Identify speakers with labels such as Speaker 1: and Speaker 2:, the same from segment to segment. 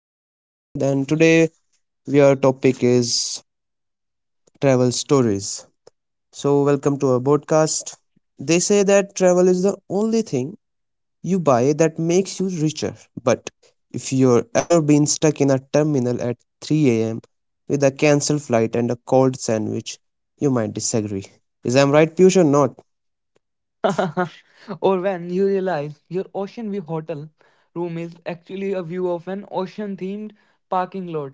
Speaker 1: host Junaid. And today our topic is travel stories. So welcome to our podcast. They say that travel is the only thing you buy that makes you richer. But if you're ever been stuck in a terminal at 3 a.m. with a cancelled flight and a cold sandwich, you might disagree. Is I'm right, Piyush, or not?
Speaker 2: Or when you realize your ocean view hotel room is actually a view of an ocean themed parking lot.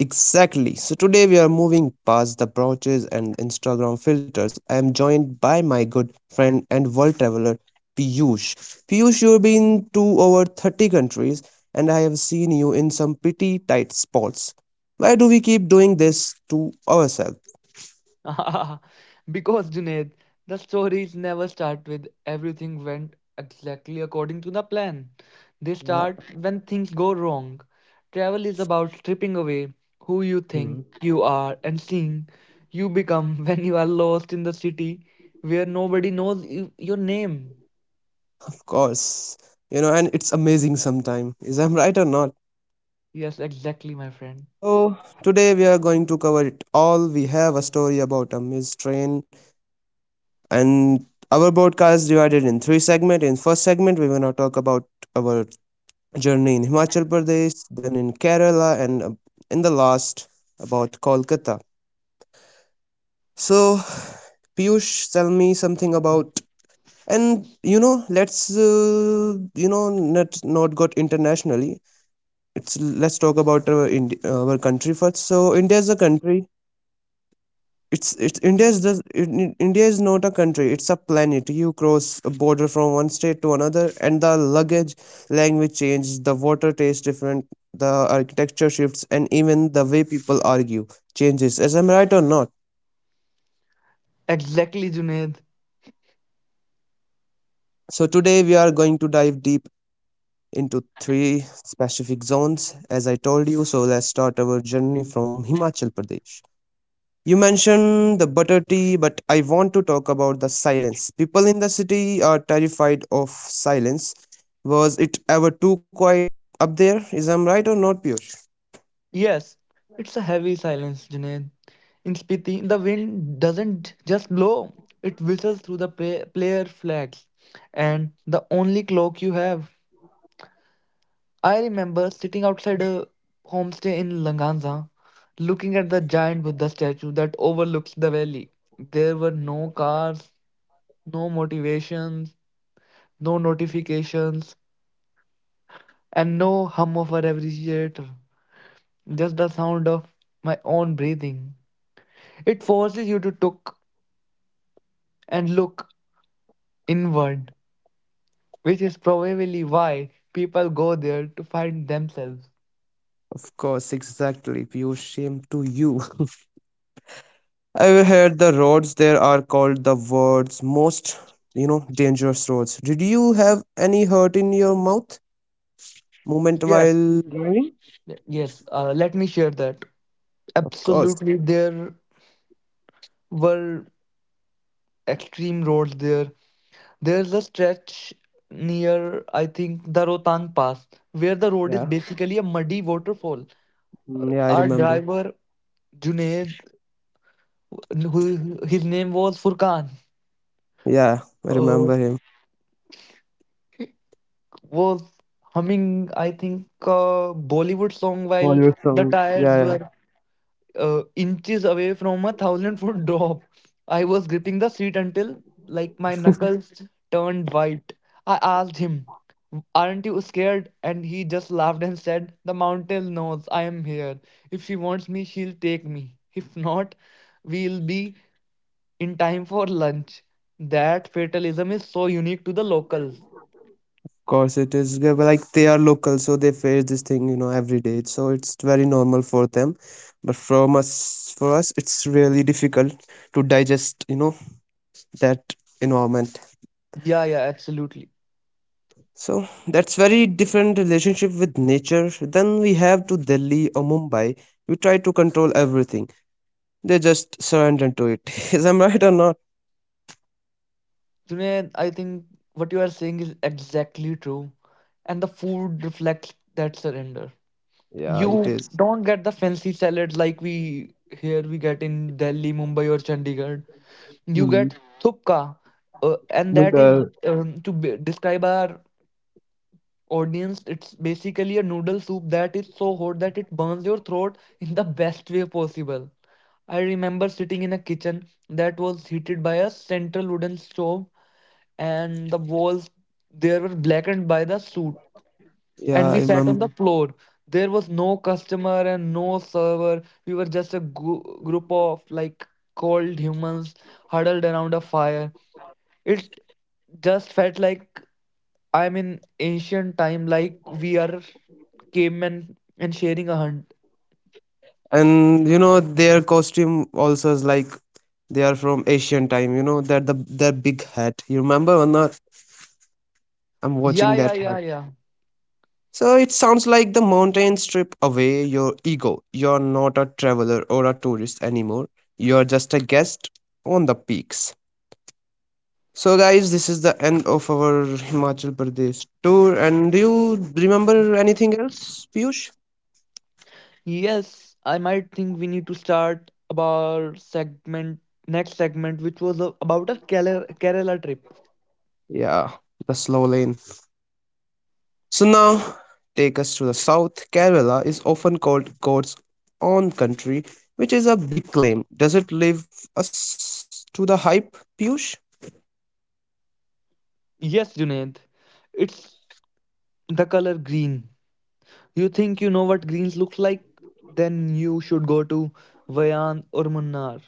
Speaker 1: Exactly. So today we are moving past the brooches and Instagram filters. I am joined by my good friend and world traveler Piyush. Piyush, you've been to over 30 countries and I have seen you in some pretty tight spots. Why do we keep doing this to ourselves?
Speaker 2: Because, Junaid, the stories never start with everything went exactly according to the plan. They
Speaker 1: Yeah.
Speaker 2: start when things go wrong. Travel is about stripping away who you think
Speaker 1: Mhm.
Speaker 2: you are and seeing you become when you are lost in the city where nobody knows you, your name.
Speaker 1: Of course. You know, and it's amazing sometime. Is I'm right or not?
Speaker 2: Yes, exactly, my friend.
Speaker 1: So today we are going to cover it all. We have a story about a missed train and our broadcast is divided in three segments. In first segment, we wanna talk about our journey in Himachal Pradesh, then in Kerala, and in the last about Kolkata. So Piyush, tell me something about and you know let's you know not got internationally. It's let's talk about our our country first. So India is a country. It's india is just in- india is not a country, it's a planet. You cross a border from one state to another and the luggage language changes, the water tastes different, the architecture shifts, and even the way people argue changes. As I'm right or not?
Speaker 2: Exactly, Junaid.
Speaker 1: So today we are going to dive deep into three specific zones, as I told you. So let's start our journey from Himachal Pradesh. You mentioned the butter tea, but I want to talk about the silence. People in the city are terrified of silence. Was it ever too quiet up there? Is I'm right or not, Piyush?
Speaker 2: Yes, it's a heavy silence, Junaid. In Spiti, the wind doesn't just blow, it whistles through the player flags and the only cloak you have. I remember sitting outside a homestay in Langanza, looking at the giant Buddha statue that overlooks the valley. There were no cars, no motivations, no notifications, and no hum of a refrigerator, just the sound of my own breathing. It forces you to look and look inward, which is probably why people go there to find themselves.
Speaker 1: Of course, exactly. Piyush, shame to you. I've heard the roads there are called the world's most, you know, dangerous roads. Did you have any hurt in your mouth moment
Speaker 2: Yes.
Speaker 1: while?
Speaker 2: Yes, let me share that.
Speaker 1: Of course.
Speaker 2: Absolutely, there were extreme roads there. There's a stretch near, I think, the Rohtang Pass, where the road is
Speaker 1: Yeah.
Speaker 2: basically a muddy waterfall.
Speaker 1: Yeah, I
Speaker 2: Our
Speaker 1: remember.
Speaker 2: driver, Junaid, who his name was Furkan.
Speaker 1: Yeah, I
Speaker 2: Uh,
Speaker 1: remember him.
Speaker 2: was humming, I think, a Bollywood song while
Speaker 1: Follow
Speaker 2: the
Speaker 1: song. Yeah,
Speaker 2: tires were
Speaker 1: yeah.
Speaker 2: inches away from a 1,000 foot drop. I was gripping the seat until, like, my knuckles turned white. I asked him, aren't you scared? And he just laughed and said, the mountain knows I am here. If she wants me, she'll take me. If not, we'll be in time for lunch. That fatalism is so unique to the locals.
Speaker 1: Course it is, yeah. Well, like they are local so they face this thing you know every day, so it's very normal for them, but from us for us it's really difficult to digest, you know, that environment.
Speaker 2: Yeah, absolutely.
Speaker 1: So that's very different relationship with nature than we have to Delhi or Mumbai. We try to control everything, they just surrender to it. Is I'm right or not?
Speaker 2: Junaid, I think what you are saying is exactly true. And the food reflects that surrender.
Speaker 1: Yeah, it
Speaker 2: You
Speaker 1: is.
Speaker 2: don't get the fancy salads like we get in Delhi, Mumbai, or Chandigarh. You
Speaker 1: Hmm.
Speaker 2: get thupka, and
Speaker 1: Look,
Speaker 2: that is describe our audience. It's basically a noodle soup that is so hot that it burns your throat in the best way possible. I remember sitting in a kitchen that was heated by a central wooden stove and the walls there were blackened by the soot,
Speaker 1: yeah
Speaker 2: and we
Speaker 1: I
Speaker 2: sat on
Speaker 1: remember.
Speaker 2: the floor. There was no customer and no server. We were just a group of like cold humans huddled around a fire. It just felt like I'm in ancient time, like we are cavemen and sharing a hunt.
Speaker 1: And you know their costume also is like they are from Asian time. You know that the that big hat. You remember or not? I'm
Speaker 2: yeah
Speaker 1: watching
Speaker 2: yeah
Speaker 1: that
Speaker 2: yeah
Speaker 1: hat.
Speaker 2: yeah
Speaker 1: So it sounds like the mountains strip away your ego. You're not a traveler or a tourist anymore. You're just a guest on the peaks. So, guys, this is the end of our Himachal Pradesh tour. And do you remember anything else, Piyush?
Speaker 2: Yes, I might think we need to start about segment next segment which was about a Kerala trip.
Speaker 1: Yeah, the slow lane. So now take us to the south. Kerala is often called God's own country, which is a big claim. Does it live us to the hype, Piyush?
Speaker 2: Yes, Junaid, it's the color green. You think you know what greens looks like? Then you should go to Vayan or Munnar.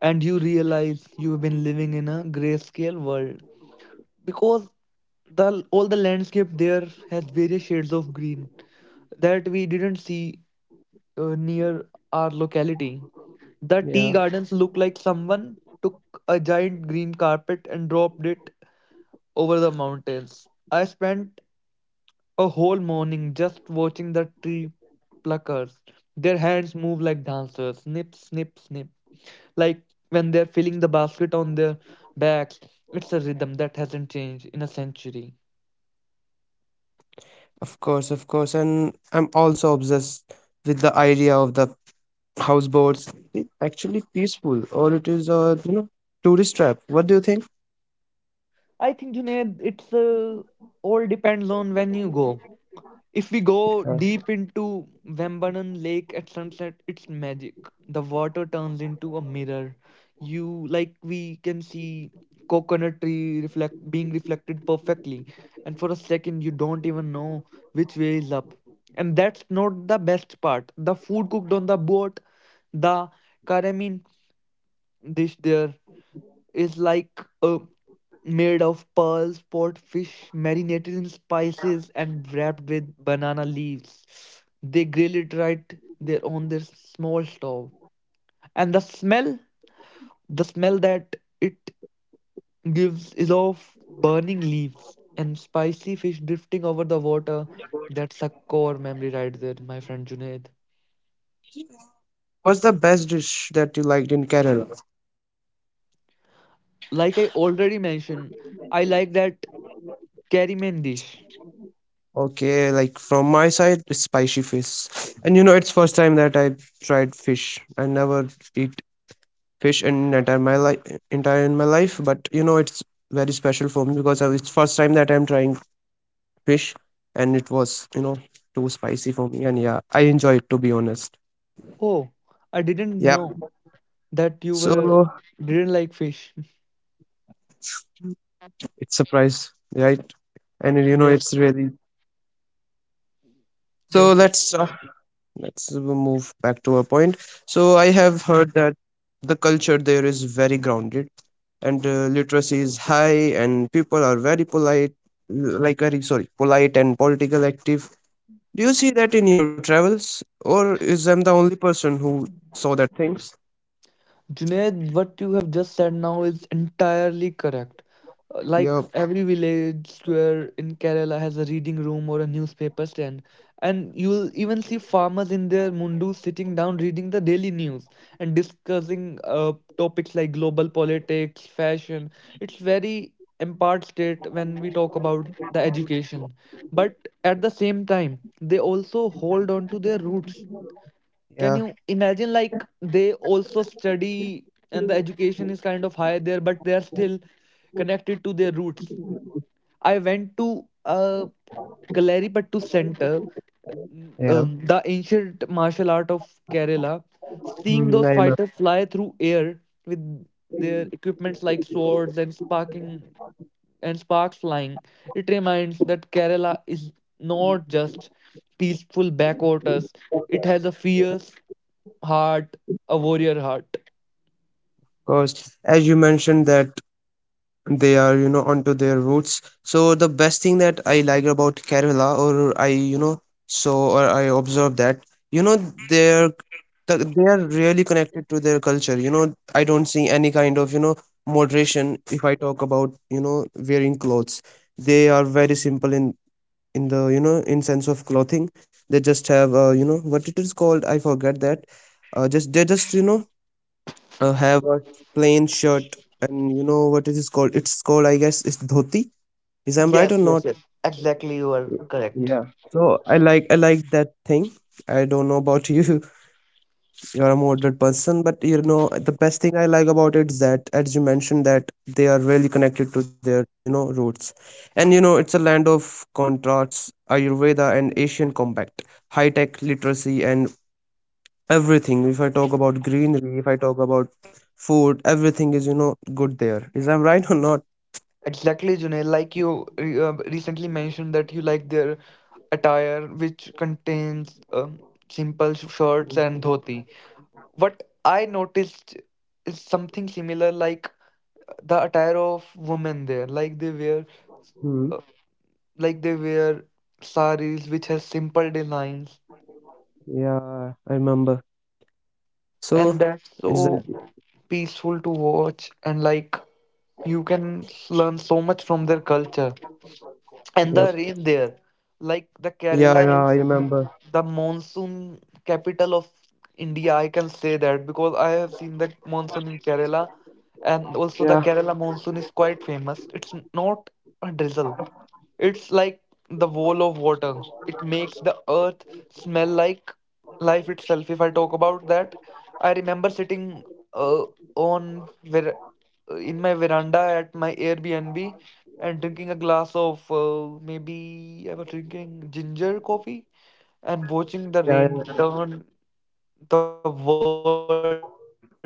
Speaker 2: And you realize you've been living in a grayscale world. Because all the landscape there has various shades of green that we didn't see near our locality. The tea
Speaker 1: Yeah,
Speaker 2: gardens look like someone took a giant green carpet and dropped it over the mountains. I spent a whole morning just watching the tree pluckers. Their hands move like dancers, snip, snip, snip. Like when they're filling the basket on their backs. It's a rhythm that hasn't changed in a century.
Speaker 1: of course, of course. And I'm also obsessed with the idea of the houseboats. It's actually peaceful, or it is a, you know, tourist trap. What do you think?
Speaker 2: I think Junaid, it's all depends on when you go. If we go
Speaker 1: Yeah.
Speaker 2: deep into Vembanam Lake at sunset, it's magic. The water turns into a mirror. You like we can see coconut tree reflect being reflected perfectly, and for a second you don't even know which way is up. And that's not the best part. The food cooked on the boat, the karamin dish there, is like made of pearls, pot fish, marinated in spices, and wrapped with banana leaves. They grill it right there on their small stove. And the smell that it gives is of burning leaves and spicy fish drifting over the water. That's a core memory right there, my friend Junaid.
Speaker 1: What's the best dish that you liked in Kerala?
Speaker 2: Like I already mentioned, I like that curry dish.
Speaker 1: Okay, like from my side, it's spicy fish. And you know, it's first time that I tried fish. I never eat fish in entire my life, entire in my life. But you know, it's very special for me because it's first time that I'm trying fish, and it was, you know, too spicy for me. And yeah, I enjoy it to be honest.
Speaker 2: Oh, I didn't
Speaker 1: Yep.
Speaker 2: know that you were
Speaker 1: So
Speaker 2: didn't like fish.
Speaker 1: it's surprise, right? And you know,
Speaker 2: yes
Speaker 1: it's really so.
Speaker 2: yes.
Speaker 1: Let's start. Let's move back to our point. So I have heard that the culture there is very grounded and literacy is high and people are very polite, like very sorry polite and political active. Do you see that in your travels, or is I'm the only person who saw that things?
Speaker 2: Junaid, what you have just said now is entirely correct.
Speaker 1: Yeah,
Speaker 2: Like every village square in Kerala has a reading room or a newspaper stand, and you'll even see farmers in their mundu sitting down reading the daily news and discussing topics like global politics, fashion. It's very empowered state when we talk about the education, but at the same time, they also hold on to their roots. Can
Speaker 1: yeah,
Speaker 2: you imagine, like they also study and the education is kind of high there, but they are still connected to their roots. I went to Kalaripattu Center,
Speaker 1: yeah.
Speaker 2: the ancient martial art of Kerala. Seeing
Speaker 1: Mhm,
Speaker 2: those
Speaker 1: I remember.
Speaker 2: fighters
Speaker 1: Of
Speaker 2: fly through air with their equipments like swords and sparking and sparks flying, it reminds that Kerala is not just peaceful backwaters. It has a fierce heart, a warrior heart.
Speaker 1: course. As you mentioned that they are, you know, onto their roots, so the best thing that I like about Kerala, or I, you know, saw or I observed that, you know, they're they are really connected to their culture. You know I don't see any kind of, you know, moderation if I talk about, you know, wearing clothes. They are very simple in the, you know, in sense of clothing. They just have, you know, what it is called, I forget that. Just they just, you know, have a plain shirt. And you know what it is called, it's called, I guess it's dhoti. Is I'm right or
Speaker 2: Yes, yes,
Speaker 1: not?
Speaker 2: yes. Exactly, you are correct.
Speaker 1: Yeah. So I like, I like that thing. I don't know about you. You're a moderate person, but you know the best thing I like about it is that, as you mentioned, that they are really connected to their, you know, roots. And you know it's a land of contrasts, ayurveda and Asian combat, high tech literacy and everything. If I talk about greenery, if I talk about food, everything is, you know, good there. Is I'm right or not?
Speaker 2: Exactly, Junaid. Like you recently mentioned that you like their attire, which contains simple shirts and dhoti. What I noticed is something similar, like the attire of women there. Like they wear,
Speaker 1: Hmm.
Speaker 2: uh, like they wear saris, which has simple designs,
Speaker 1: Yeah, I remember. So
Speaker 2: and that's
Speaker 1: it's a,
Speaker 2: so peaceful to watch, and like you can learn so much from their culture. And
Speaker 1: yep.
Speaker 2: the rain there, like the
Speaker 1: Yeah,
Speaker 2: Kerala
Speaker 1: yeah, I
Speaker 2: is
Speaker 1: remember.
Speaker 2: the monsoon capital of India, I can say that because I have seen the monsoon in Kerala. And also the
Speaker 1: Yeah,
Speaker 2: Kerala monsoon is quite famous. It's not a drizzle, it's like the wall of water. It makes the earth smell like life itself. If I talk about that, I remember sitting uh, on in my veranda at my Airbnb and drinking a glass of maybe I was drinking ginger coffee and watching the
Speaker 1: yeah,
Speaker 2: rain
Speaker 1: yeah.
Speaker 2: turn the world into the jungle.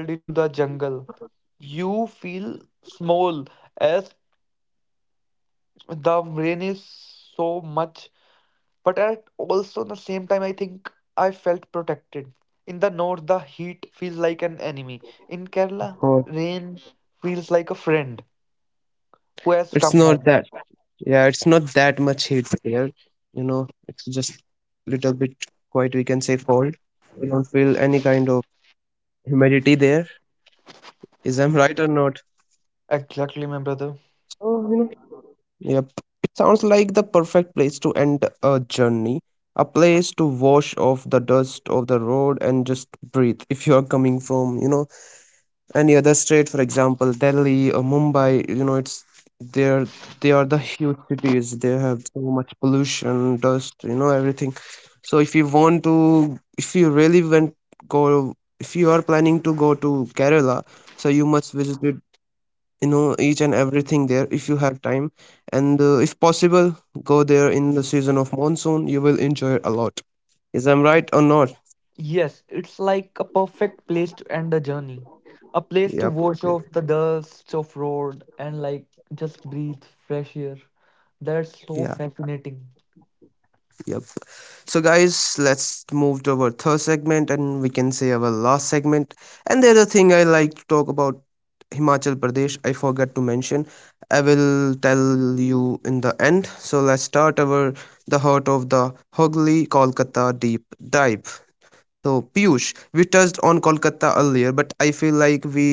Speaker 2: You feel small as the rain is so much. But at also the same time, I think I felt protected. In the north, the heat feels like an enemy. In Kerala,
Speaker 1: Oh,
Speaker 2: rain feels like a friend who has come
Speaker 1: it's
Speaker 2: home.
Speaker 1: not that. Yeah, it's not that much heat there. You know it's just little bit, quite we can say cold. We don't feel any kind of humidity there. Is I'm right or not?
Speaker 2: Exactly, my brother.
Speaker 1: So you know. Yep. It sounds like the perfect place to end a journey, a place to wash off the dust of the road and just breathe. If you are coming from, you know, any other state, for example, Delhi or Mumbai, you know, it's they're they are the huge cities. They have so much pollution, dust, you know, everything. So if you want to, if you really want go, if you are planning to go to Kerala, so you must visit, you know, each and everything there if you have time. And if possible, go there in the season of monsoon, you will enjoy it a lot. Is I'm right or not?
Speaker 2: Yes, it's like a perfect place to end the journey. A place to
Speaker 1: Yep.
Speaker 2: wash off the dust of road and like just breathe fresh air. That's so
Speaker 1: Yeah.
Speaker 2: fascinating.
Speaker 1: Yep. So guys, let's move to our third segment, and we can say our last segment. And the other thing I like to talk about Himachal Pradesh, I forgot to mention, I will tell you in the end. So let's start our the heart of the Hogli Kolkata deep dive. So, Piyush, we touched on Kolkata earlier, but I feel like we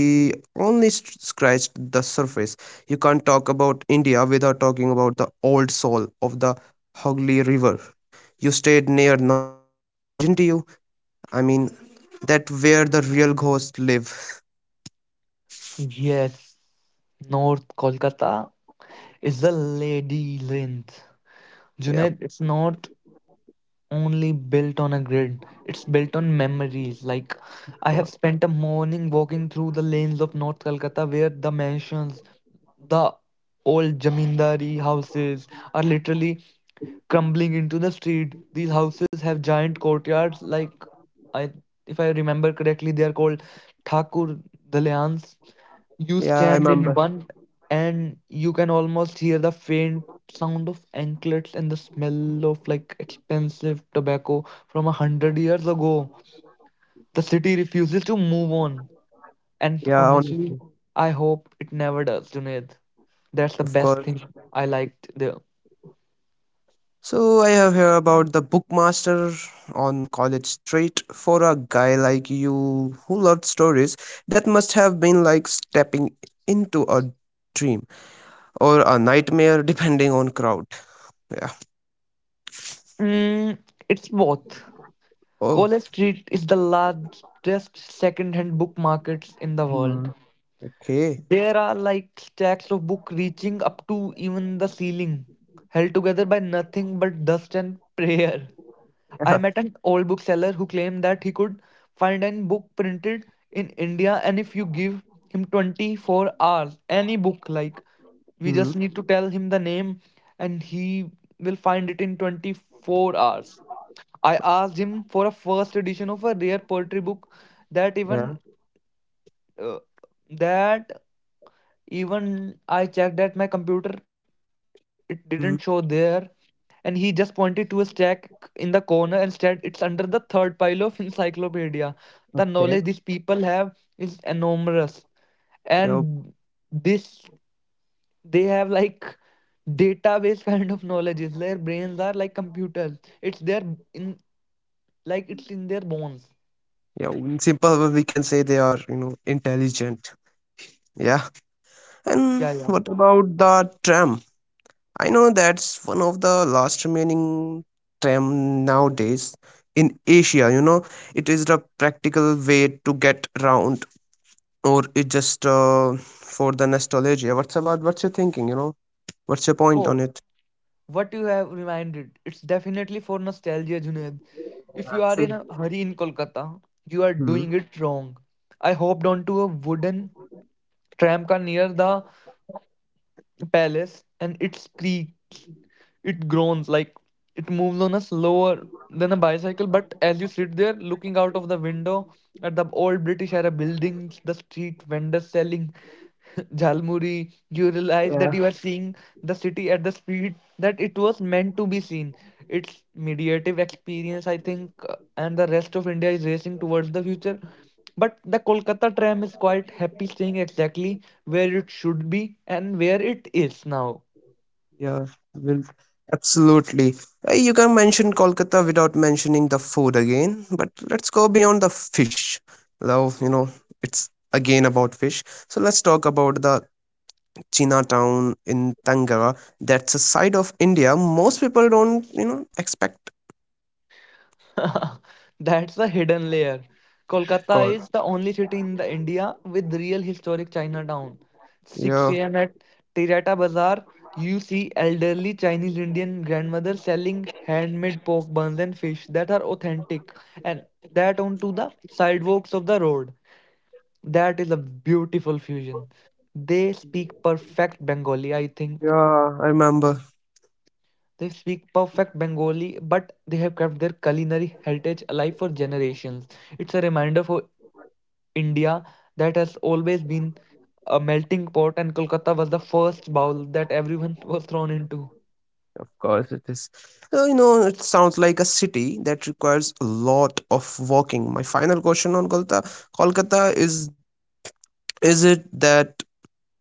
Speaker 1: only scratched the surface. You can't talk about India without talking about the old soul of the Hooghly River. You stayed near North Kolkata, didn't you? I mean, that where the real ghosts live.
Speaker 2: Yes, North Kolkata is a ladyland.
Speaker 1: Yeah, of
Speaker 2: Junaid, it's not only built on a grid, it's built on memories. Like, I have
Speaker 1: course.
Speaker 2: spent a morning walking through the lanes of North Kolkata where the mansions, the old Jamindari houses are literally crumbling into the street. These houses have giant courtyards, like, I if I remember correctly, they are called Thakur Dalyans. You
Speaker 1: Yeah, I
Speaker 2: stand in
Speaker 1: remember.
Speaker 2: one and you can almost hear the faint sound of anklets and the smell of like expensive tobacco from a 100 years ago. The city refuses to move on. And
Speaker 1: Yeah, on,
Speaker 2: honestly, I hope it never does, Junaid. That's the
Speaker 1: of
Speaker 2: best
Speaker 1: course.
Speaker 2: thing I liked there.
Speaker 1: So I have heard about the Bookmaster on College Street. For a guy like you who loved stories, that must have been like stepping into a dream or a nightmare, depending on crowd. Yeah.
Speaker 2: Mm, it's both.
Speaker 1: Oh.
Speaker 2: College Street is the largest second-hand book markets in the world.
Speaker 1: Hmm. Okay.
Speaker 2: There are like stacks of books reaching up to even the ceiling, held together by nothing but dust and prayer. I
Speaker 1: Yeah.
Speaker 2: met an old bookseller who claimed that he could find an book printed in India, and if you give him 24 hours, any book, like we
Speaker 1: Hmm.
Speaker 2: just need to tell him the name and he will find it in 24 hours. I asked him for a first edition of a rare poetry book that
Speaker 1: Yeah.
Speaker 2: even uh, that even I checked at my computer, it didn't show
Speaker 1: Hmm.
Speaker 2: there. And he just pointed to a stack in the corner and said, it's under the third pile of encyclopedia. The knowledge
Speaker 1: Okay.
Speaker 2: these people have is enormous.
Speaker 1: Yeah.
Speaker 2: And this, they have like database kind of knowledge. Is Their brains are like computers. It's their in like it's in their bones.
Speaker 1: Yeah. In simple, way we can say they are, you know, intelligent. Yeah. And
Speaker 2: Yeah, yeah.
Speaker 1: what about the tram? I know that's one of the last remaining tram nowadays in Asia. You know, it is the practical way to get around, or it just for the nostalgia. What's about? What's your thinking? You know, what's your point on
Speaker 2: Oh.
Speaker 1: it?
Speaker 2: What you have reminded, it's definitely for nostalgia, Junaid. If you are in a
Speaker 1: Absolutely.
Speaker 2: hurry in Kolkata, you are
Speaker 1: Hmm.
Speaker 2: doing it wrong. I hopped onto a wooden tram car near the palace, and it squeaks, it groans like it moves on a slower than a bicycle. But as you sit there looking out of the window at the old British era buildings, the street vendors selling jalmuri, you realize
Speaker 1: Yeah.
Speaker 2: that you are seeing the city at the speed that it was meant to be seen. It's mediative experience, I think, and the rest of India is racing towards the future. But the Kolkata tram is quite happy staying exactly where it should be and where it is now.
Speaker 1: Yeah, will absolutely. You can mention Kolkata without mentioning the food again, but let's go beyond the fish. Love, you know, it's again about fish. So let's talk about the Chinatown in Tanga. That's a side of India most people don't, you know, expect.
Speaker 2: That's a hidden layer. Kolkata
Speaker 1: God.
Speaker 2: is the only city in the India with real historic Chinatown.
Speaker 1: Yeah,
Speaker 2: 6 a.m. at Tirata Bazaar, you see elderly Chinese Indian grandmothers selling handmade pork buns and fish that are authentic and that onto the sidewalks of the road. That is a beautiful fusion. They speak perfect Bengali, I
Speaker 1: yeah,
Speaker 2: think.
Speaker 1: I remember.
Speaker 2: They speak perfect Bengali, but they have kept their culinary heritage alive for generations. It's a reminder for India that has always been a melting pot, and Kolkata was the first bowl that everyone was thrown into.
Speaker 1: Of course, it is. So, you know, it sounds like a city that requires a lot of walking. My final question on Kolkata, Kolkata is it that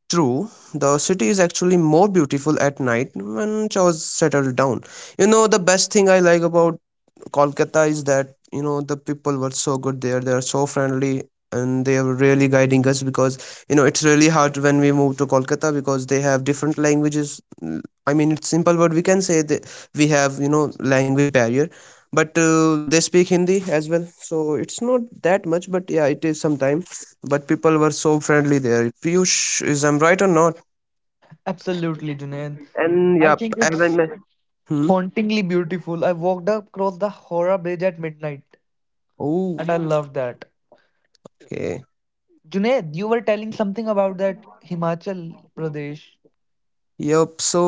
Speaker 1: true? The city is actually more beautiful at night when it was settled down. You know, the best thing I like about Kolkata is that you know the people were so good there. They are so friendly and they are really guiding us because you know it's really hard when we move to Kolkata because they have different languages. Mm, I mean, it's simple, but we can say that we have, you know, language barrier. But they speak Hindi as well, so it's not that much. But yeah, it is sometime. But people were so friendly there. Piyush, is I'm right or not?
Speaker 2: Absolutely, Junaid.
Speaker 1: And
Speaker 2: I
Speaker 1: yeah,
Speaker 2: think
Speaker 1: as I
Speaker 2: it's
Speaker 1: mentioned. Hmm.
Speaker 2: hauntingly beautiful. I walked across the Howrah Bridge at midnight,
Speaker 1: Oh.
Speaker 2: and I love that.
Speaker 1: Okay.
Speaker 2: Junaid, you were telling something about that Himachal Pradesh.
Speaker 1: Yep. So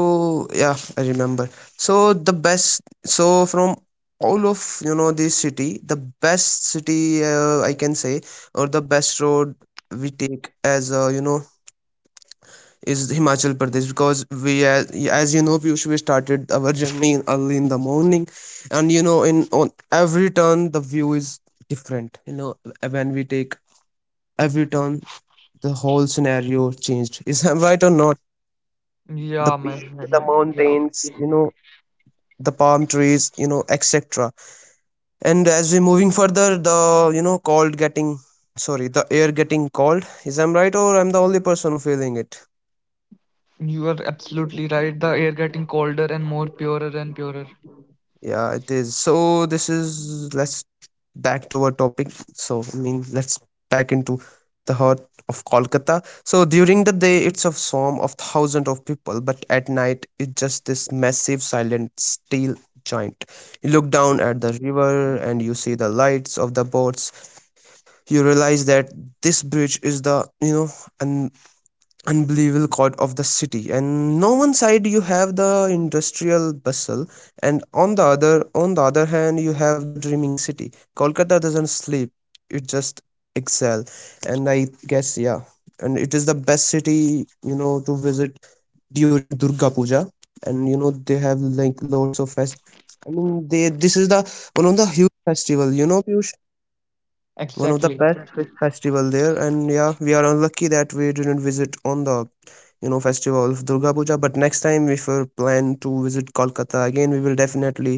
Speaker 1: yeah, I remember. So the best. So from all of, you know, the city, the best city I can say, or the best road we take as, you know, is Himachal Pradesh because as you know Piyush, we started our journey in early in the morning, and you know in on every turn the view is different. You know when we take every turn, the whole scenario changed. Is that right or not? The
Speaker 2: Yeah, my
Speaker 1: peak, the
Speaker 2: friend. Yeah.
Speaker 1: mountains, you know the palm trees, you know, etc. And as we moving further, the, you know, cold getting, sorry, the air getting cold. Is I'm right, or I'm the only person who feeling it?
Speaker 2: You are absolutely right. The air getting colder and more purer and purer.
Speaker 1: Yeah, it is. So this is, let's back to our topic. So I mean let's back into the heart of Kolkata. So during the day it's a swarm of thousands of people, but at night it's just this massive silent steel giant. You look down at the river and you see the lights of the boats, you realize that this bridge is the, you know, an unbelievable chord of the city, and no one side you have the industrial bustle, and on the other hand you have the dreaming city. Kolkata doesn't sleep, it just excel. And I guess, yeah. And it is the best city, you know, to visit during Durga Puja. And you know they have like lots of fest. I mean they this is the one of the huge festival, you know, Piyush, one of the
Speaker 2: Exactly.
Speaker 1: best festival there. And yeah we are unlucky that we didn't visit on the, you know, festival of Durga Puja, but next time if we plan to visit Kolkata again, we will definitely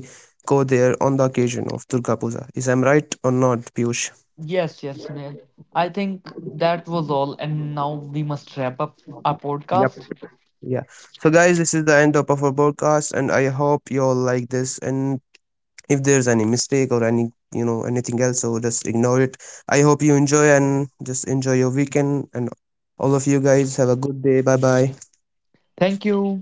Speaker 1: go there on the occasion of Durga Puja. Is I'm right or not, Piyush?
Speaker 2: Yes, yes, Sunil. I think that was all, and now we must wrap up our
Speaker 1: Yep.
Speaker 2: podcast.
Speaker 1: Yeah. So guys, this is the end of our podcast, and I hope you all like this. And if there's any mistake or any, you know, anything else, so just ignore it. I hope you enjoy and just enjoy your weekend, and all of you guys have a good day. Bye bye.
Speaker 2: Thank you.